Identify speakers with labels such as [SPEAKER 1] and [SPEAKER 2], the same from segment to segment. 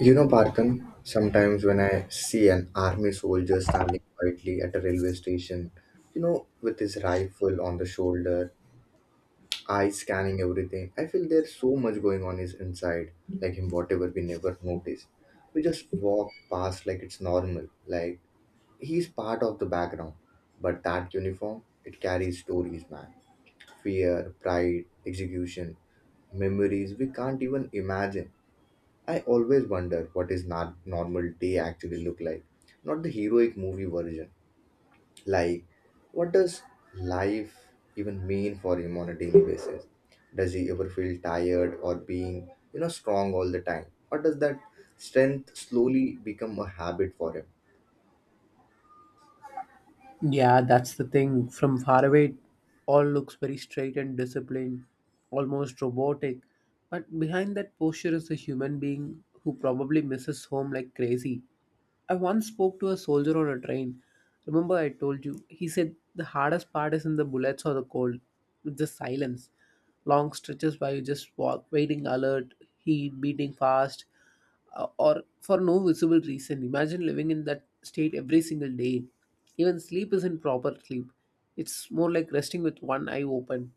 [SPEAKER 1] You know, Barkan, sometimes when I see an army soldier standing quietly at a railway station, you know, with his rifle on the shoulder, eyes scanning everything, I feel there's so much going on his inside, like him, whatever we never notice. We just walk past like it's normal, like he's part of the background. But that uniform, it carries stories, man. Fear, pride, execution, memories we can't even imagine. I always wonder what is not normal day actually look like, not the heroic movie version. Like, what does life even mean for him on a daily basis? Does he ever feel tired or being, you know, strong all the time, or does that strength slowly become a habit for him?
[SPEAKER 2] Yeah, that's the thing. From far away, it all looks very straight and disciplined, almost robotic. But behind that posture is a human being who probably misses home like crazy. I once spoke to a soldier on a train. Remember, I told you, he said the hardest part isn't the bullets or the cold, it's the silence. Long stretches where you just walk, waiting alert, heat, beating fast, or for no visible reason. Imagine living in that state every single day. Even sleep isn't proper sleep, it's more like resting with one eye open.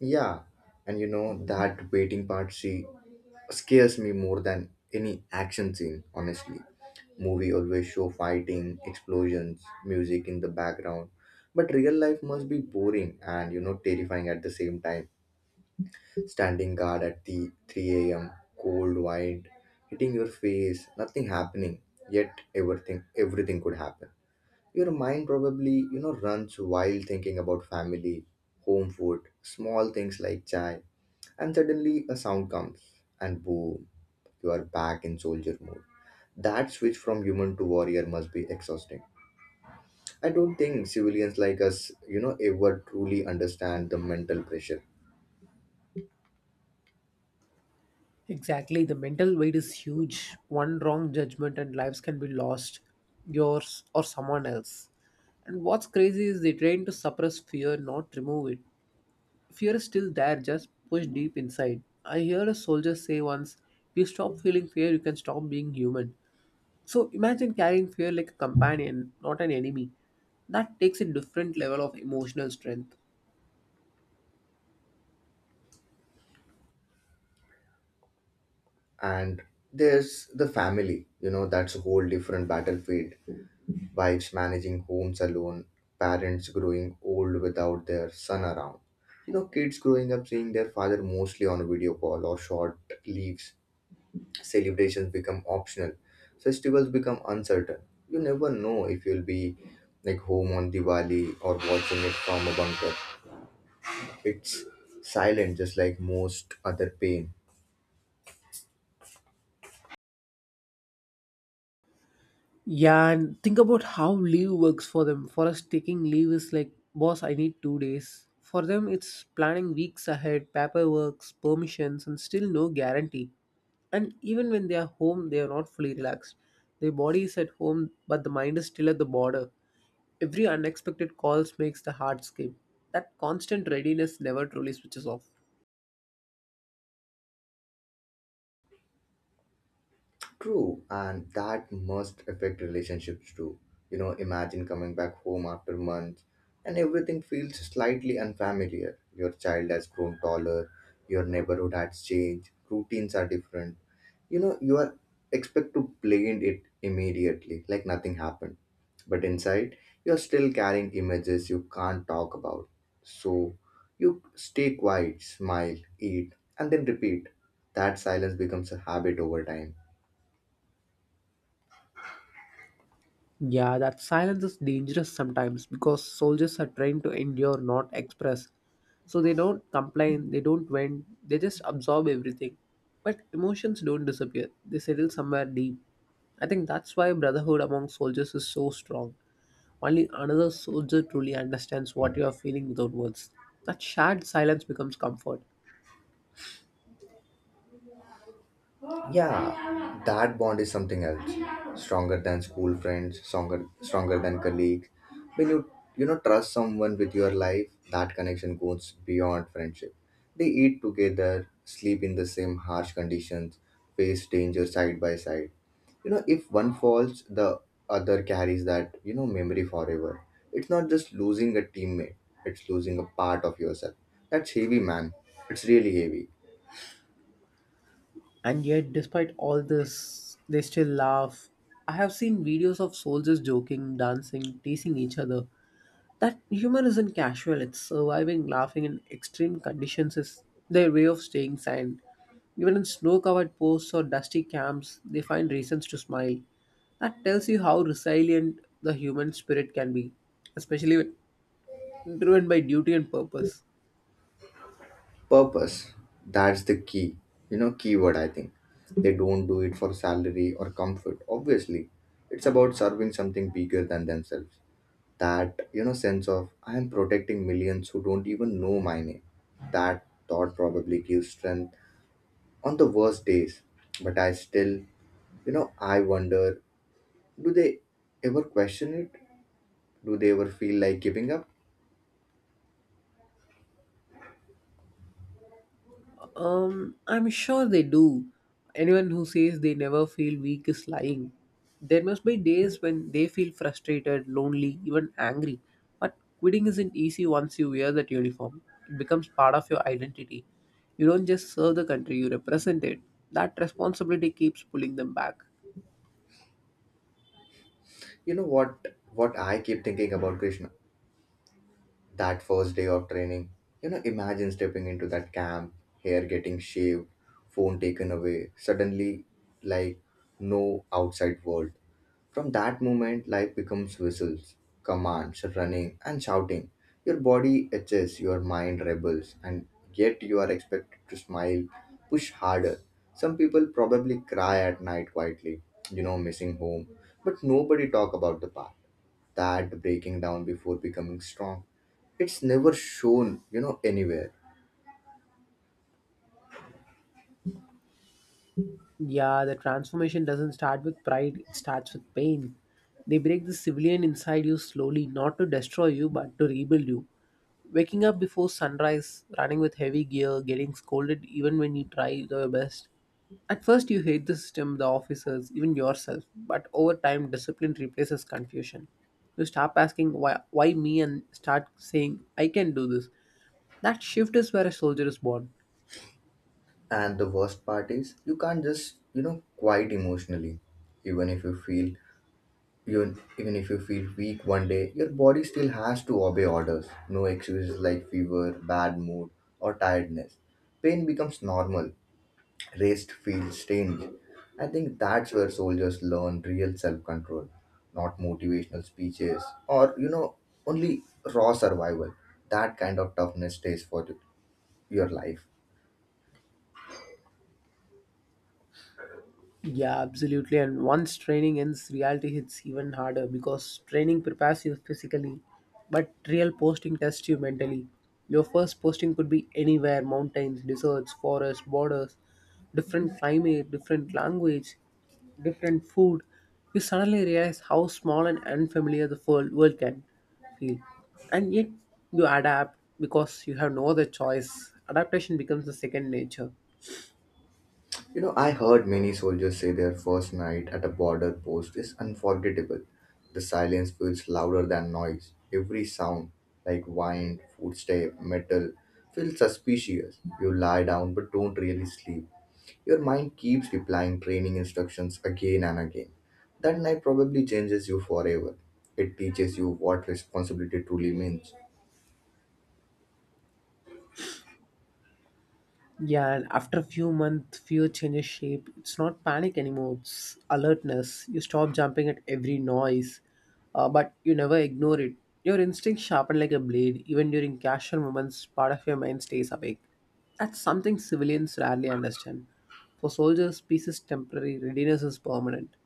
[SPEAKER 1] Yeah, and you know that waiting part she scares me more than any action scene, honestly. Movie always show fighting, explosions, music in the background. But real life must be boring and, you know, terrifying at the same time. Standing guard at the 3 a.m. cold wind, hitting your face, nothing happening, yet everything could happen. Your mind probably, you know, runs wild thinking about family, home food, small things like chai and suddenly a sound comes, and boom, you are back in soldier mode. That switch from human to warrior must be exhausting. I don't think civilians like us, you know, ever truly understand the mental pressure.
[SPEAKER 2] Exactly, the mental weight is huge. One wrong judgment and lives can be lost, yours or someone else. And what's crazy is they train to suppress fear, not remove it. Fear is still there, just pushed deep inside. I heard a soldier say once, if you stop feeling fear, you can stop being human. So imagine carrying fear like a companion, not an enemy. That takes a different level of emotional strength.
[SPEAKER 1] And there's the family, you know, that's a whole different battlefield. Wives managing homes alone, parents growing old without their son around. You know, kids growing up seeing their father mostly on a video call or short leaves, celebrations become optional, festivals become uncertain, you never know if you'll be like home on Diwali or watching it from a bunker. It's silent just like most other pain.
[SPEAKER 2] Yeah, and think about how leave works for them. For us, taking leave is like, boss, I need 2 days. For them, it's planning weeks ahead, paperwork, permissions, and still no guarantee. And even when they are home, they are not fully relaxed. Their body is at home, but the mind is still at the border. Every unexpected calls makes the heart skip. That constant readiness never truly switches off.
[SPEAKER 1] True, and that must affect relationships too. You know, imagine coming back home after months and everything feels slightly unfamiliar. Your child has grown taller, your neighborhood has changed, routines are different. You know, you are expect to blend it immediately, like nothing happened. But inside, you're still carrying images you can't talk about. So you stay quiet, smile, eat, and then repeat. That silence becomes a habit over time.
[SPEAKER 2] Yeah, that silence is dangerous sometimes because soldiers are trained to endure, not express. So they don't complain, they don't vent, they just absorb everything. But emotions don't disappear, they settle somewhere deep. I think that's why brotherhood among soldiers is so strong. Only another soldier truly understands what you are feeling without words. That shared silence becomes comfort.
[SPEAKER 1] Yeah, that bond is something else, stronger than school friends, stronger than colleagues. When you know, trust someone with your life, that connection goes beyond friendship. They eat together, sleep in the same harsh conditions, face danger side by side. You know, if one falls, the other carries that, you know, memory forever. It's not just losing a teammate, it's losing a part of yourself. That's heavy, man. It's really heavy.
[SPEAKER 2] And yet, despite all this, they still laugh. I have seen videos of soldiers joking, dancing, teasing each other. That humor isn't casual, it's surviving. Laughing in extreme conditions is their way of staying sane. Even in snow covered posts or dusty camps, they find reasons to smile. That tells you how resilient the human spirit can be, especially when driven by duty and purpose.
[SPEAKER 1] Purpose, that's the key, you know, keyword I think. They don't do it for salary or comfort obviously, it's about serving something bigger than themselves. That, you know, sense of I am protecting millions who don't even know my name, that thought probably gives strength on the worst days. But I still, you know, I wonder, do they ever question it? Do they ever feel like giving up?
[SPEAKER 2] I'm sure they do. Anyone who says they never feel weak is lying. There must be days when they feel frustrated, lonely, even angry. But quitting isn't easy once you wear that uniform. It becomes part of your identity. You don't just serve the country, you represent it. That responsibility keeps pulling them back.
[SPEAKER 1] You know what I keep thinking about, Krishna? That first day of training. You know, imagine stepping into that camp, hair getting shaved, phone taken away, suddenly like no outside world. From that moment, life becomes whistles, commands, running, and shouting. Your body itches, your mind rebels, and yet you are expected to smile, push harder. Some people probably cry at night quietly, you know, missing home, but nobody talk about the path, that breaking down before becoming strong. It's never shown, you know, anywhere.
[SPEAKER 2] Yeah, the transformation doesn't start with pride, it starts with pain. They break the civilian inside you slowly, not to destroy you, but to rebuild you. Waking up before sunrise, running with heavy gear, getting scolded even when you try your best. At first, you hate the system, the officers, even yourself, but over time, discipline replaces confusion. You stop asking, why me, and start saying, I can do this. That shift is where a soldier is born.
[SPEAKER 1] And the worst part is you can't just, you know, quite emotionally, even if you feel, even if you feel weak one day, your body still has to obey orders, no excuses like fever, bad mood, or tiredness. Pain becomes normal, rest feels strange. I think that's where soldiers learn real self-control, not motivational speeches or, you know, only raw survival. That kind of toughness stays for your life.
[SPEAKER 2] Yeah, absolutely. And once training ends, reality hits even harder because training prepares you physically, but real posting tests you mentally. Your first posting could be anywhere: mountains, deserts, forests, borders, different climate, different language, different food. You suddenly realize how small and unfamiliar the world can feel. And yet, you adapt because you have no other choice. Adaptation becomes the second nature.
[SPEAKER 1] You know, I heard many soldiers say their first night at a border post is unforgettable. The silence feels louder than noise. Every sound, like wind, footstep, metal, feels suspicious. You lie down but don't really sleep. Your mind keeps replying training instructions again and again. That night probably changes you forever. It teaches you what responsibility truly means.
[SPEAKER 2] Yeah, and after a few months, fear changes shape. It's not panic anymore, it's alertness. You stop jumping at every noise, but you never ignore it. Your instincts sharpen like a blade. Even during casual moments, part of your mind stays awake. That's something civilians rarely understand. For soldiers, peace is temporary, readiness is permanent.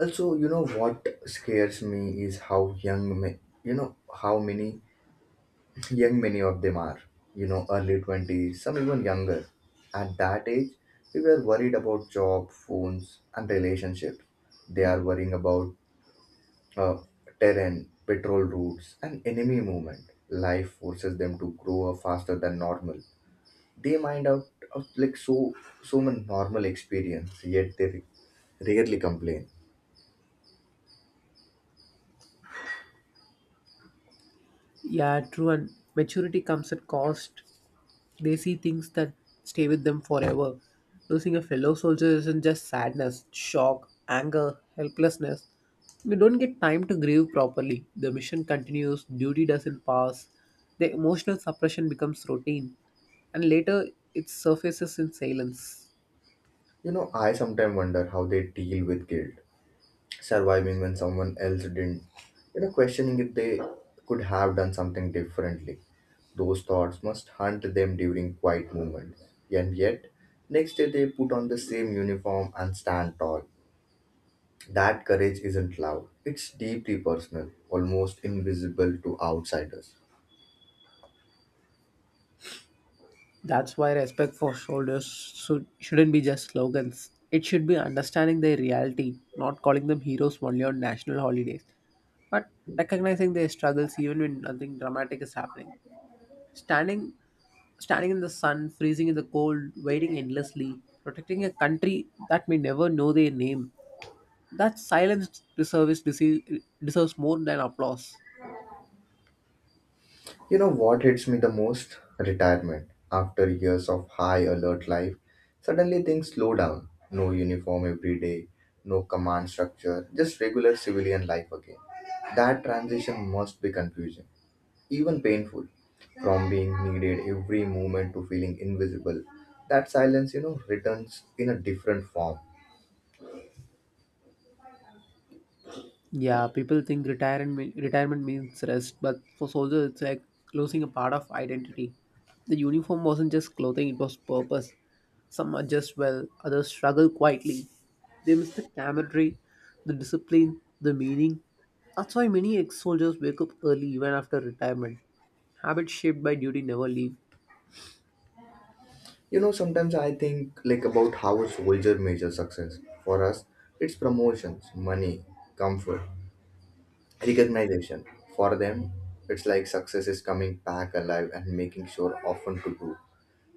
[SPEAKER 1] Also, you know what scares me is how young, men. You know, how many young many of them are, you know, early 20s, some even younger. At that age we were worried about job, phones, and relationships. They are worrying about uh, terrain, patrol routes, and enemy movement. Life forces them to grow up faster than normal. They mind out of like so many normal experience, yet they rarely complain.
[SPEAKER 2] Yeah, true. And maturity comes at cost. They see things that stay with them forever. Losing a fellow soldier isn't just sadness, shock, anger, helplessness. We don't get time to grieve properly. The mission continues, duty doesn't pass. The emotional suppression becomes routine, and later it surfaces in silence.
[SPEAKER 1] You know, I sometimes wonder how they deal with guilt, surviving when someone else didn't, you know, questioning if they could have done something differently. Those thoughts must hunt them during quiet moments. And yet, next day they put on the same uniform and stand tall. That courage isn't loud, it's deeply personal, almost invisible to outsiders.
[SPEAKER 2] That's why respect for soldiers shouldn't be just slogans. It should be understanding their reality, not calling them heroes only on national holidays, but recognizing their struggles even when nothing dramatic is happening. Standing, standing in the sun, freezing in the cold, waiting endlessly, protecting a country that may never know their name. That silence deserves more than applause.
[SPEAKER 1] You know what hits me the most? Retirement. After years of high alert life, suddenly things slow down. No uniform every day, no command structure, just regular civilian life again. That transition must be confusing, even painful. From being needed every moment to feeling invisible, that silence, you know, returns in a different form.
[SPEAKER 2] Yeah, people think retirement means rest, but for soldiers it's like losing a part of identity. The uniform wasn't just clothing, it was purpose. Some adjust well, others struggle quietly. They miss the camaraderie, the discipline, the meaning. That's why many ex-soldiers wake up early even after retirement. Habits shaped by duty never leave.
[SPEAKER 1] You know, sometimes I think like about how a soldier measures success. For us, it's promotions, money, comfort, recognition. For them, it's like success is coming back alive and making sure often to do.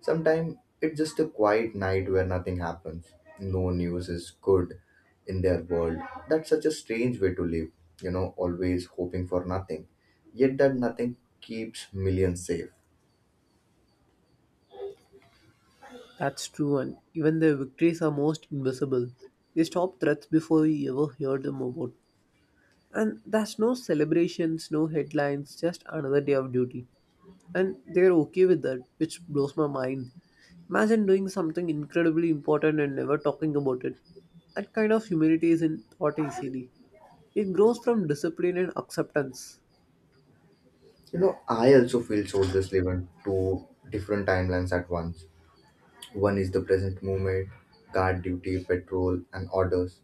[SPEAKER 1] Sometimes it's just a quiet night where nothing happens, no news is good in their world. That's such a strange way to live, you know, always hoping for nothing, yet that nothing keeps millions safe.
[SPEAKER 2] That's true, and even their victories are most invisible. They stop threats before we ever hear them about. And there's no celebrations, no headlines, just another day of duty. And they're okay with that, which blows my mind. Imagine doing something incredibly important and never talking about it. That kind of humility isn't taught easily. It grows from discipline and acceptance.
[SPEAKER 1] You know, I also feel soldiers live in two different timelines at once. One is the present moment, guard duty, patrol, and orders.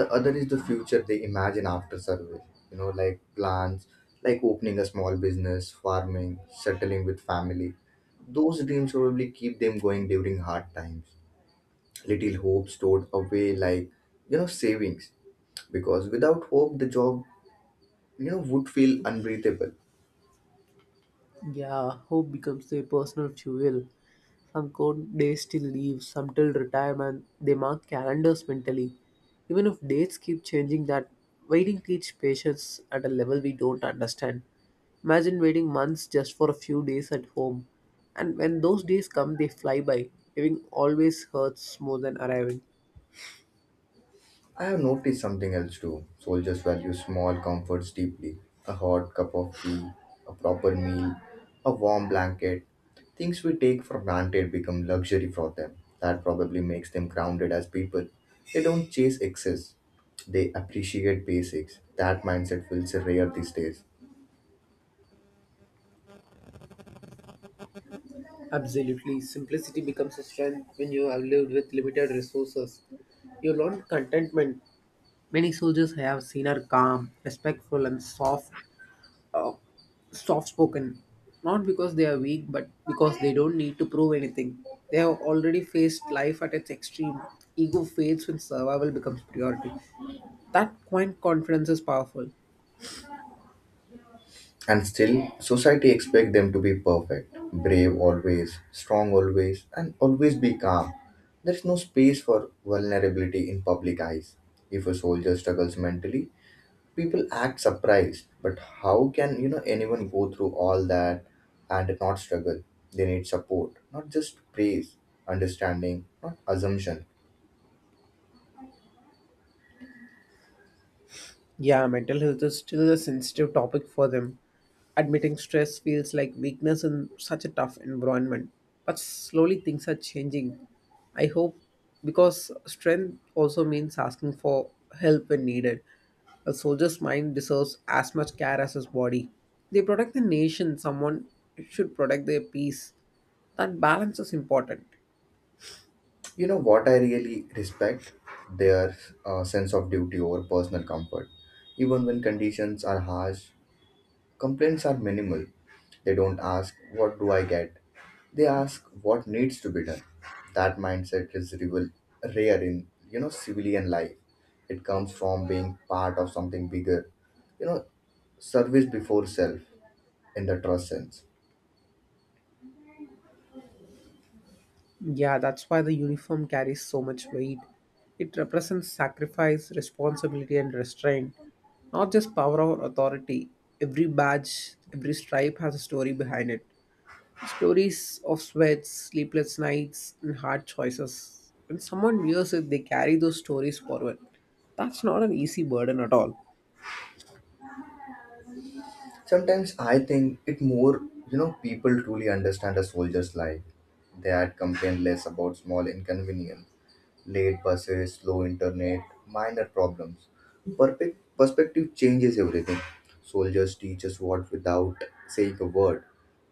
[SPEAKER 1] The other is the future they imagine after service. You know, like plans, like opening a small business, farming, settling with family. Those dreams probably keep them going during hard times. Little hope stored away, like, you know, savings, because without hope, the job, you know, would feel unbreathable.
[SPEAKER 2] Yeah, hope becomes their personal fuel. Some cold days still leave, some till retirement. They mark calendars mentally. Even if dates keep changing, that waiting teaches patience at a level we don't understand. Imagine waiting months just for a few days at home. And when those days come, they fly by. Leaving always hurts more than arriving.
[SPEAKER 1] I have noticed something else too. Soldiers value small comforts deeply. A hot cup of tea, a proper meal, a warm blanket. Things we take for granted become luxury for them. That probably makes them grounded as people. They don't chase excess, they appreciate basics. That mindset feels rare these days.
[SPEAKER 2] Absolutely. Simplicity becomes a strength when you have lived with limited resources. You learn contentment. Many soldiers I have seen are calm, respectful, and soft, uh, soft-spoken. Not because they are weak, but because they don't need to prove anything. They have already faced life at its extreme. Ego fades when survival becomes priority. That quiet confidence is powerful.
[SPEAKER 1] And still, society expects them to be perfect, brave always, strong always, and always be calm. There is no space for vulnerability in public eyes. If a soldier struggles mentally, people act surprised. But how can you know anyone go through all that and not struggle? They need support, not just praise, understanding, not assumption.
[SPEAKER 2] Yeah, mental health is still a sensitive topic for them. Admitting stress feels like weakness in such a tough environment. But slowly things are changing. I hope, because strength also means asking for help when needed. A soldier's mind deserves as much care as his body. They protect the nation, someone should protect their peace. That balance is important.
[SPEAKER 1] You know what I really respect? Their sense of duty over personal comfort, even when conditions are harsh. Complaints are minimal. They don't ask, what do I get? They ask, what needs to be done? That mindset is rare in, you know, civilian life. It comes from being part of something bigger. You know, service before self in the trust sense.
[SPEAKER 2] Yeah, that's why the uniform carries so much weight. It represents sacrifice, responsibility, and restraint, not just power or authority. Every badge, every stripe has a story behind it. Stories of sweats, sleepless nights, and hard choices. When someone wears it, they carry those stories forward. That's not an easy burden at all.
[SPEAKER 1] Sometimes I think it more, you know, people truly understand a soldier's life. They had complained less about small inconvenience, late buses, slow internet, minor problems. Perfect perspective changes everything. Soldiers teach us what without saying a word,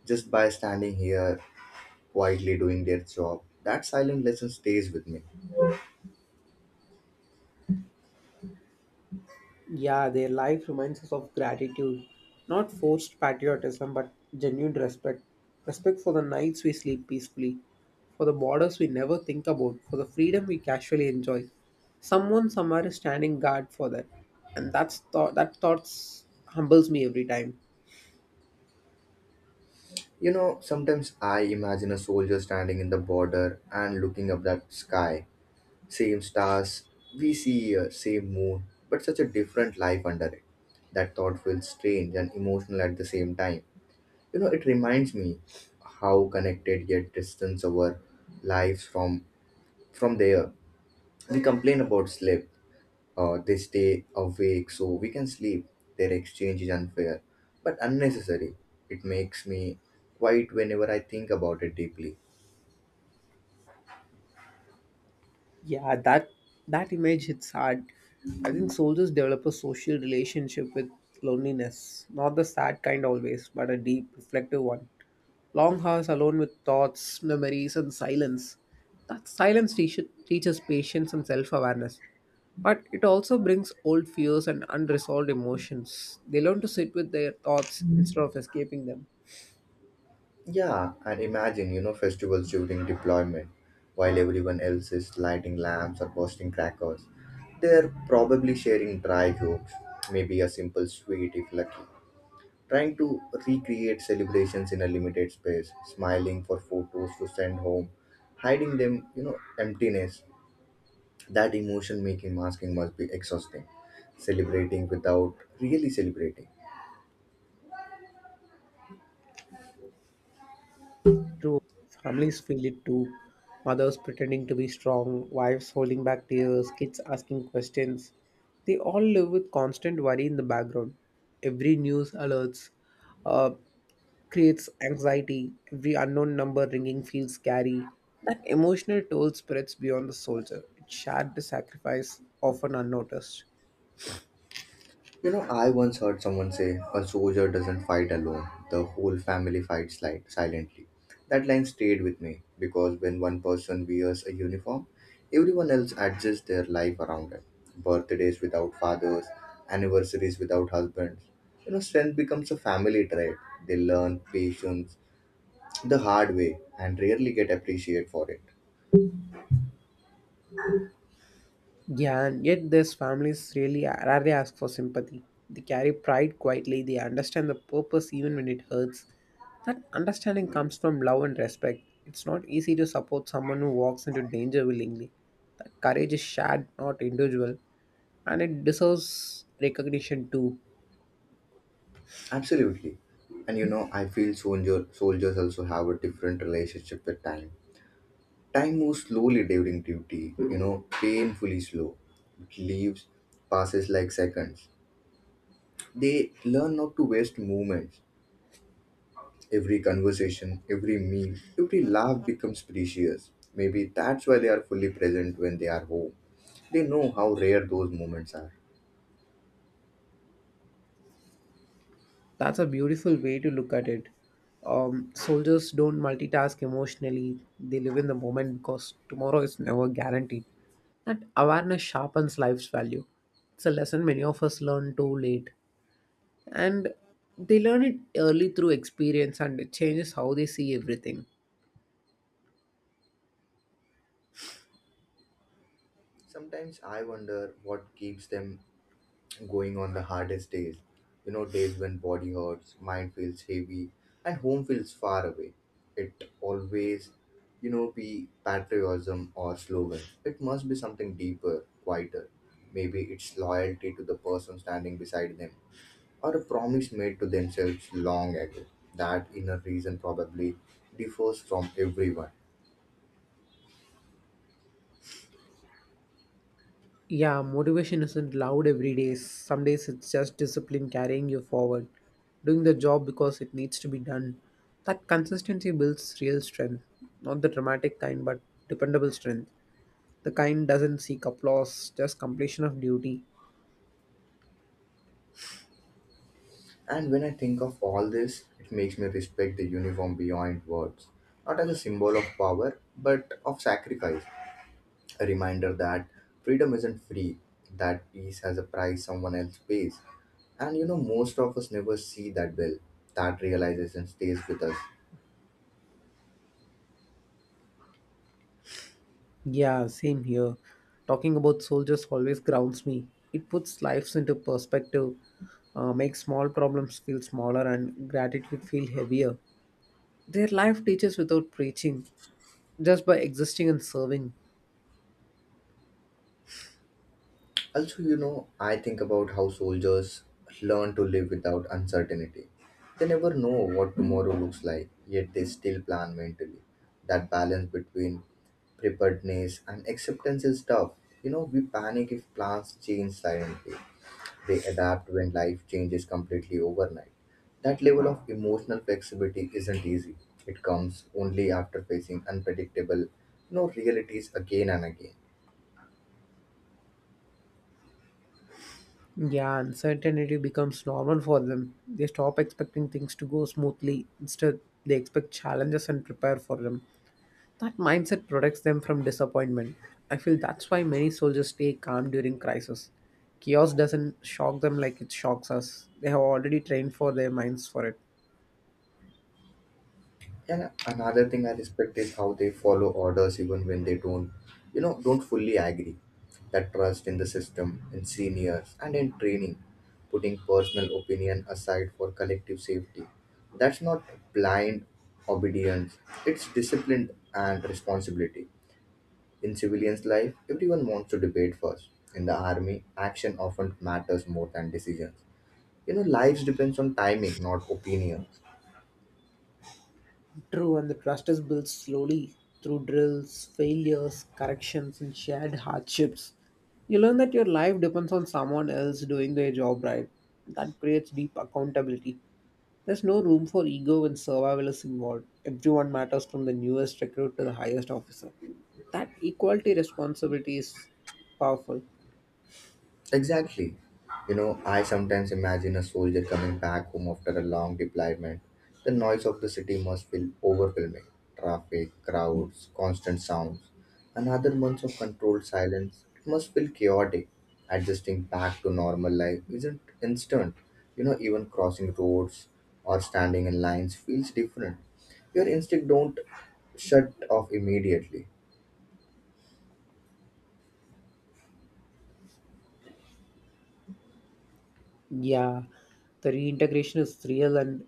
[SPEAKER 1] just by standing here quietly doing their job. That silent lesson stays with me.
[SPEAKER 2] Yeah, their life reminds us of gratitude, not forced patriotism, but genuine respect. Respect for the nights we sleep peacefully, for the borders we never think about, for the freedom we casually enjoy. Someone somewhere is standing guard for that, and that thoughts humbles me every time.
[SPEAKER 1] You know, sometimes I imagine a soldier standing in the border and looking up that sky. Same stars, we see here, same moon, but such a different life under it. That thought feels strange and emotional at the same time. You know, it reminds me how connected yet distance our lives from there. We complain about sleep. They stay awake so we can sleep. Their exchange is unfair, but unnecessary. It makes me quiet whenever I think about it deeply.
[SPEAKER 2] Yeah, that image hits hard. I think soldiers develop a social relationship with loneliness, not the sad kind always, but a deep, reflective one. Long hours alone with thoughts, memories, and silence. That silence teaches patience and self awareness. But it also brings old fears and unresolved emotions. They learn to sit with their thoughts instead of escaping them.
[SPEAKER 1] Yeah, and imagine, you know, festivals during deployment, while everyone else is lighting lamps or posting crackers. They're probably sharing dry jokes, maybe a simple sweet if lucky, trying to recreate celebrations in a limited space, smiling for photos to send home, hiding them, you know, emptiness. That emotion making masking must be exhausting. Celebrating without really celebrating.
[SPEAKER 2] True, families feel it too. Mothers pretending to be strong, wives holding back tears, kids asking questions. They all live with constant worry in the background. Every news alerts uh, creates anxiety. Every unknown number ringing feels scary. That emotional toll spreads beyond the soldier. It shared the sacrifice often unnoticed.
[SPEAKER 1] You know, I once heard someone say, a soldier doesn't fight alone, the whole family fights silently. That line stayed with me because when one person wears a uniform, everyone else adjusts their life around it. Birthdays without fathers, anniversaries without husbands. You know, strength becomes a family trait. They learn patience the hard way and rarely get appreciated for it.
[SPEAKER 2] Yeah, and yet these families really rarely ask for sympathy. They carry pride quietly, they understand the purpose even when it hurts. That understanding comes from love and respect. It's not easy to support someone who walks into danger willingly. That courage is shared, not individual, and it deserves recognition too.
[SPEAKER 1] Absolutely. And you know, I feel soldiers also have a different relationship with time. Time moves slowly during duty, you know, painfully slow. It leaves, passes like seconds. They learn not to waste moments. Every conversation, every meal, every laugh becomes precious. Maybe that's why they are fully present when they are home. They know how rare those moments are.
[SPEAKER 2] That's a beautiful way to look at it. Soldiers don't multitask emotionally, they live in the moment because tomorrow is never guaranteed. That awareness sharpens life's value. It's a lesson many of us learn too late. And they learn it early through experience and it changes how they see everything.
[SPEAKER 1] Sometimes I wonder what keeps them going on the hardest days. You know, days when body hurts, mind feels heavy, and home feels far away. It always, be patriotism or slogans. It must be something deeper, quieter. Maybe it's loyalty to the person standing beside them, or a promise made to themselves long ago. That inner reason probably differs from everyone.
[SPEAKER 2] Yeah, motivation isn't loud every day. Some days it's just discipline carrying you forward, doing the job because it needs to be done. That consistency builds real strength, not the dramatic kind, but dependable strength. The kind doesn't seek applause, just completion of duty.
[SPEAKER 1] And when I think of all this, it makes me respect the uniform beyond words, not as a symbol of power, but of sacrifice. A reminder that freedom isn't free, that peace has a price someone else pays. And you know, most of us never see that well. That realization stays with us.
[SPEAKER 2] Yeah, same here. Talking about soldiers always grounds me. It puts lives into perspective, makes small problems feel smaller, and gratitude feel heavier. Their life teaches without preaching, just by existing and serving.
[SPEAKER 1] Also, I think about how soldiers learn to live without uncertainty. They never know what tomorrow looks like, yet they still plan mentally. That balance between preparedness and acceptance is tough. You know, we panic if plans change silently. They adapt when life changes completely overnight. That level of emotional flexibility isn't easy. It comes only after facing unpredictable realities again and again.
[SPEAKER 2] Yeah, uncertainty becomes normal for them. They stop expecting things to go smoothly. Instead, they expect challenges and prepare for them. That mindset protects them from disappointment. I feel that's why many soldiers stay calm during crisis. Chaos doesn't shock them like it shocks us. They have already trained for their minds for it.
[SPEAKER 1] And another thing I respect is how they follow orders even when they don't, you know, don't fully agree. That trust in the system, in seniors, and in training, putting personal opinion aside for collective safety. That's not blind obedience, it's discipline and responsibility. In civilians' life, everyone wants to debate first. In the army, action often matters more than decisions. You know, lives depends on timing, not opinions.
[SPEAKER 2] True, and the trust is built slowly through drills, failures, corrections, and shared hardships. You learn that your life depends on someone else doing their job right. That creates deep accountability. There's no room for ego when survival is involved. Everyone matters from the newest recruit to the highest officer. That equality responsibility is powerful.
[SPEAKER 1] Exactly. I sometimes imagine a soldier coming back home after a long deployment. The noise of the city must feel overwhelming. Traffic, crowds, constant sounds. Another month of controlled silence. It must feel chaotic. Adjusting back to normal life isn't instant. You know, even crossing roads or standing in lines feels different. Your instinct don't shut off immediately.
[SPEAKER 2] Yeah, the reintegration is real and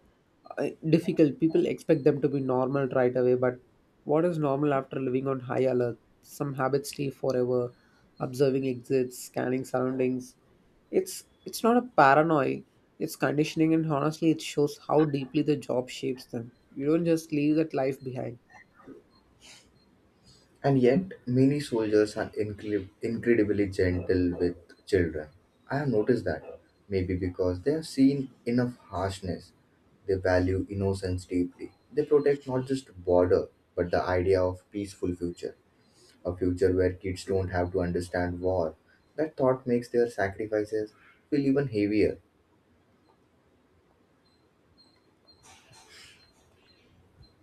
[SPEAKER 2] difficult. People expect them to be normal right away, but what is normal after living on high alert? Some habits stay forever. Observing exits, scanning surroundings. It's not a paranoia. It's conditioning, and honestly, it shows how deeply the job shapes them. You don't just leave that life behind.
[SPEAKER 1] And yet, many soldiers are incredibly gentle with children. I have noticed that. Maybe because they have seen enough harshness. They value innocence deeply. They protect not just border, but the idea of peaceful future. A future where kids don't have to understand war. That thought makes their sacrifices feel even heavier.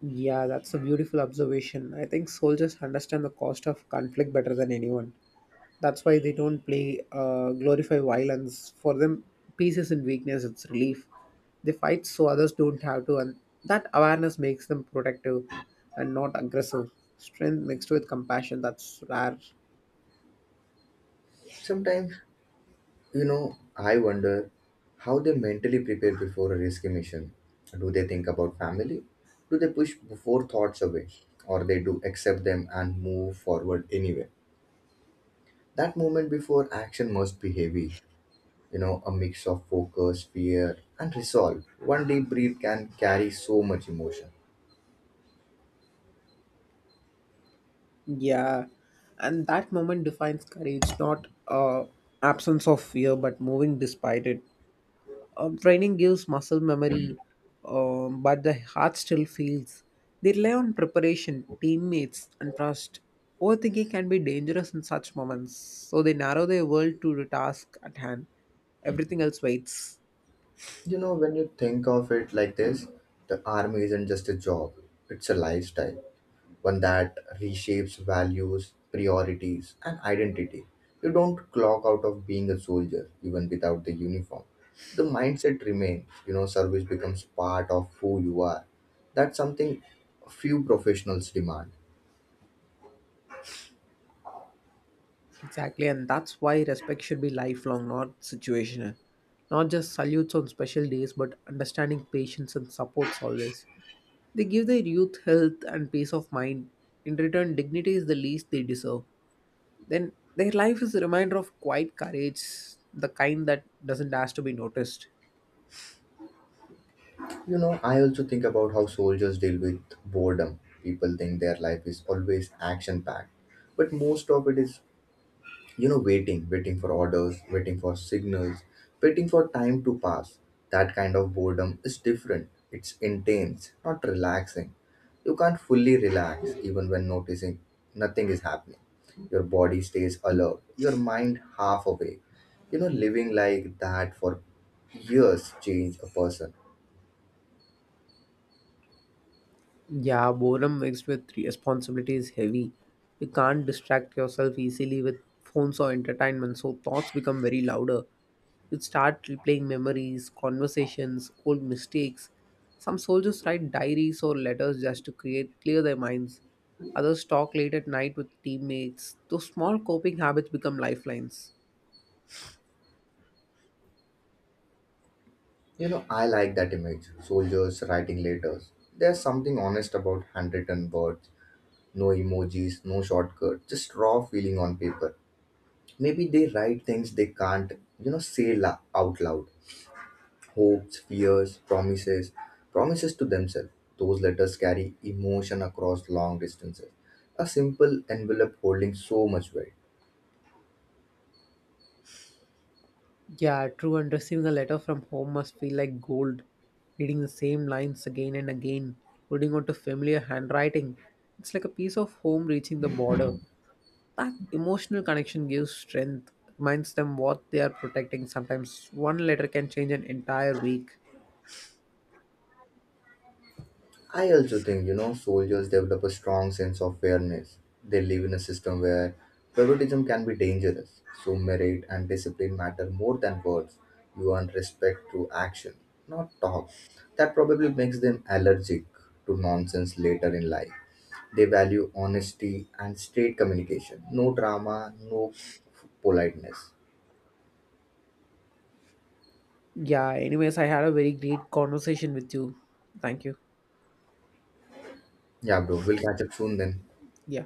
[SPEAKER 2] Yeah, that's a beautiful observation. I think soldiers understand the cost of conflict better than anyone. That's why they don't play glorify violence. For them, peace isn't weakness; it's relief. They fight so others don't have to, and that awareness makes them protective and not aggressive. Strength mixed with compassion. That's rare.
[SPEAKER 1] Sometimes I wonder how they mentally prepare before a risky mission. Do they think about family? Do they push before thoughts away? Or they do accept them and move forward anyway? That moment before action must be heavy. A mix of focus, fear, and resolve. One deep breath can carry so much emotion.
[SPEAKER 2] Yeah, and that moment defines courage, not absence of fear, but moving despite it. Training gives muscle memory, but the heart still feels. They rely on preparation, teammates, and trust. Overthinking can be dangerous in such moments, so they narrow their world to the task at hand. Everything else waits.
[SPEAKER 1] You know, when you think of it like this, the army isn't just a job, it's a lifestyle. One that reshapes values, priorities, and identity. You don't clock out of being a soldier even without the uniform. The mindset remains, you know, service becomes part of who you are. That's something few professionals demand.
[SPEAKER 2] Exactly, and that's why respect should be lifelong, not situational. Not just salutes on special days, but understanding patience and supports always. They give their youth health and peace of mind. In return, dignity is the least they deserve. Then their life is a reminder of quiet courage, the kind that doesn't ask to be noticed.
[SPEAKER 1] I also think about how soldiers deal with boredom. People think their life is always action packed, but most of it is waiting, waiting for orders, waiting for signals, waiting for time to pass. That kind of boredom is different. It's intense, not relaxing. You can't fully relax even when noticing nothing is happening. Your body stays alert, your mind half awake. You know, living like that for years change a person.
[SPEAKER 2] Yeah, boredom mixed with responsibility is heavy. You can't distract yourself easily with phones or entertainment, so thoughts become very louder. You start replaying memories, conversations, old mistakes. Some soldiers write diaries or letters just to create clear their minds. Others talk late at night with teammates. Those small coping habits become lifelines.
[SPEAKER 1] I like that image, soldiers writing letters. There's something honest about handwritten words. No emojis, no shortcut, just raw feeling on paper. Maybe they write things they can't out loud. Hopes, fears, promises, promises to themselves. Those letters carry emotion across long distances. A simple envelope holding so much weight.
[SPEAKER 2] Yeah, true. And receiving a letter from home must feel like gold. Reading the same lines again and again, holding on to familiar handwriting. It's like a piece of home reaching the border. That emotional connection gives strength, reminds them what they are protecting. Sometimes one letter can change an entire week.
[SPEAKER 1] I also think, soldiers develop a strong sense of fairness. They live in a system where favoritism can be dangerous. So merit and discipline matter more than words. You earn respect through action, not talk. That probably makes them allergic to nonsense later in life. They value honesty and straight communication. No drama, no politeness.
[SPEAKER 2] Yeah, anyways, I had a very great conversation with you. Thank you.
[SPEAKER 1] Yeah, bro, we'll catch up soon then.
[SPEAKER 2] Yeah.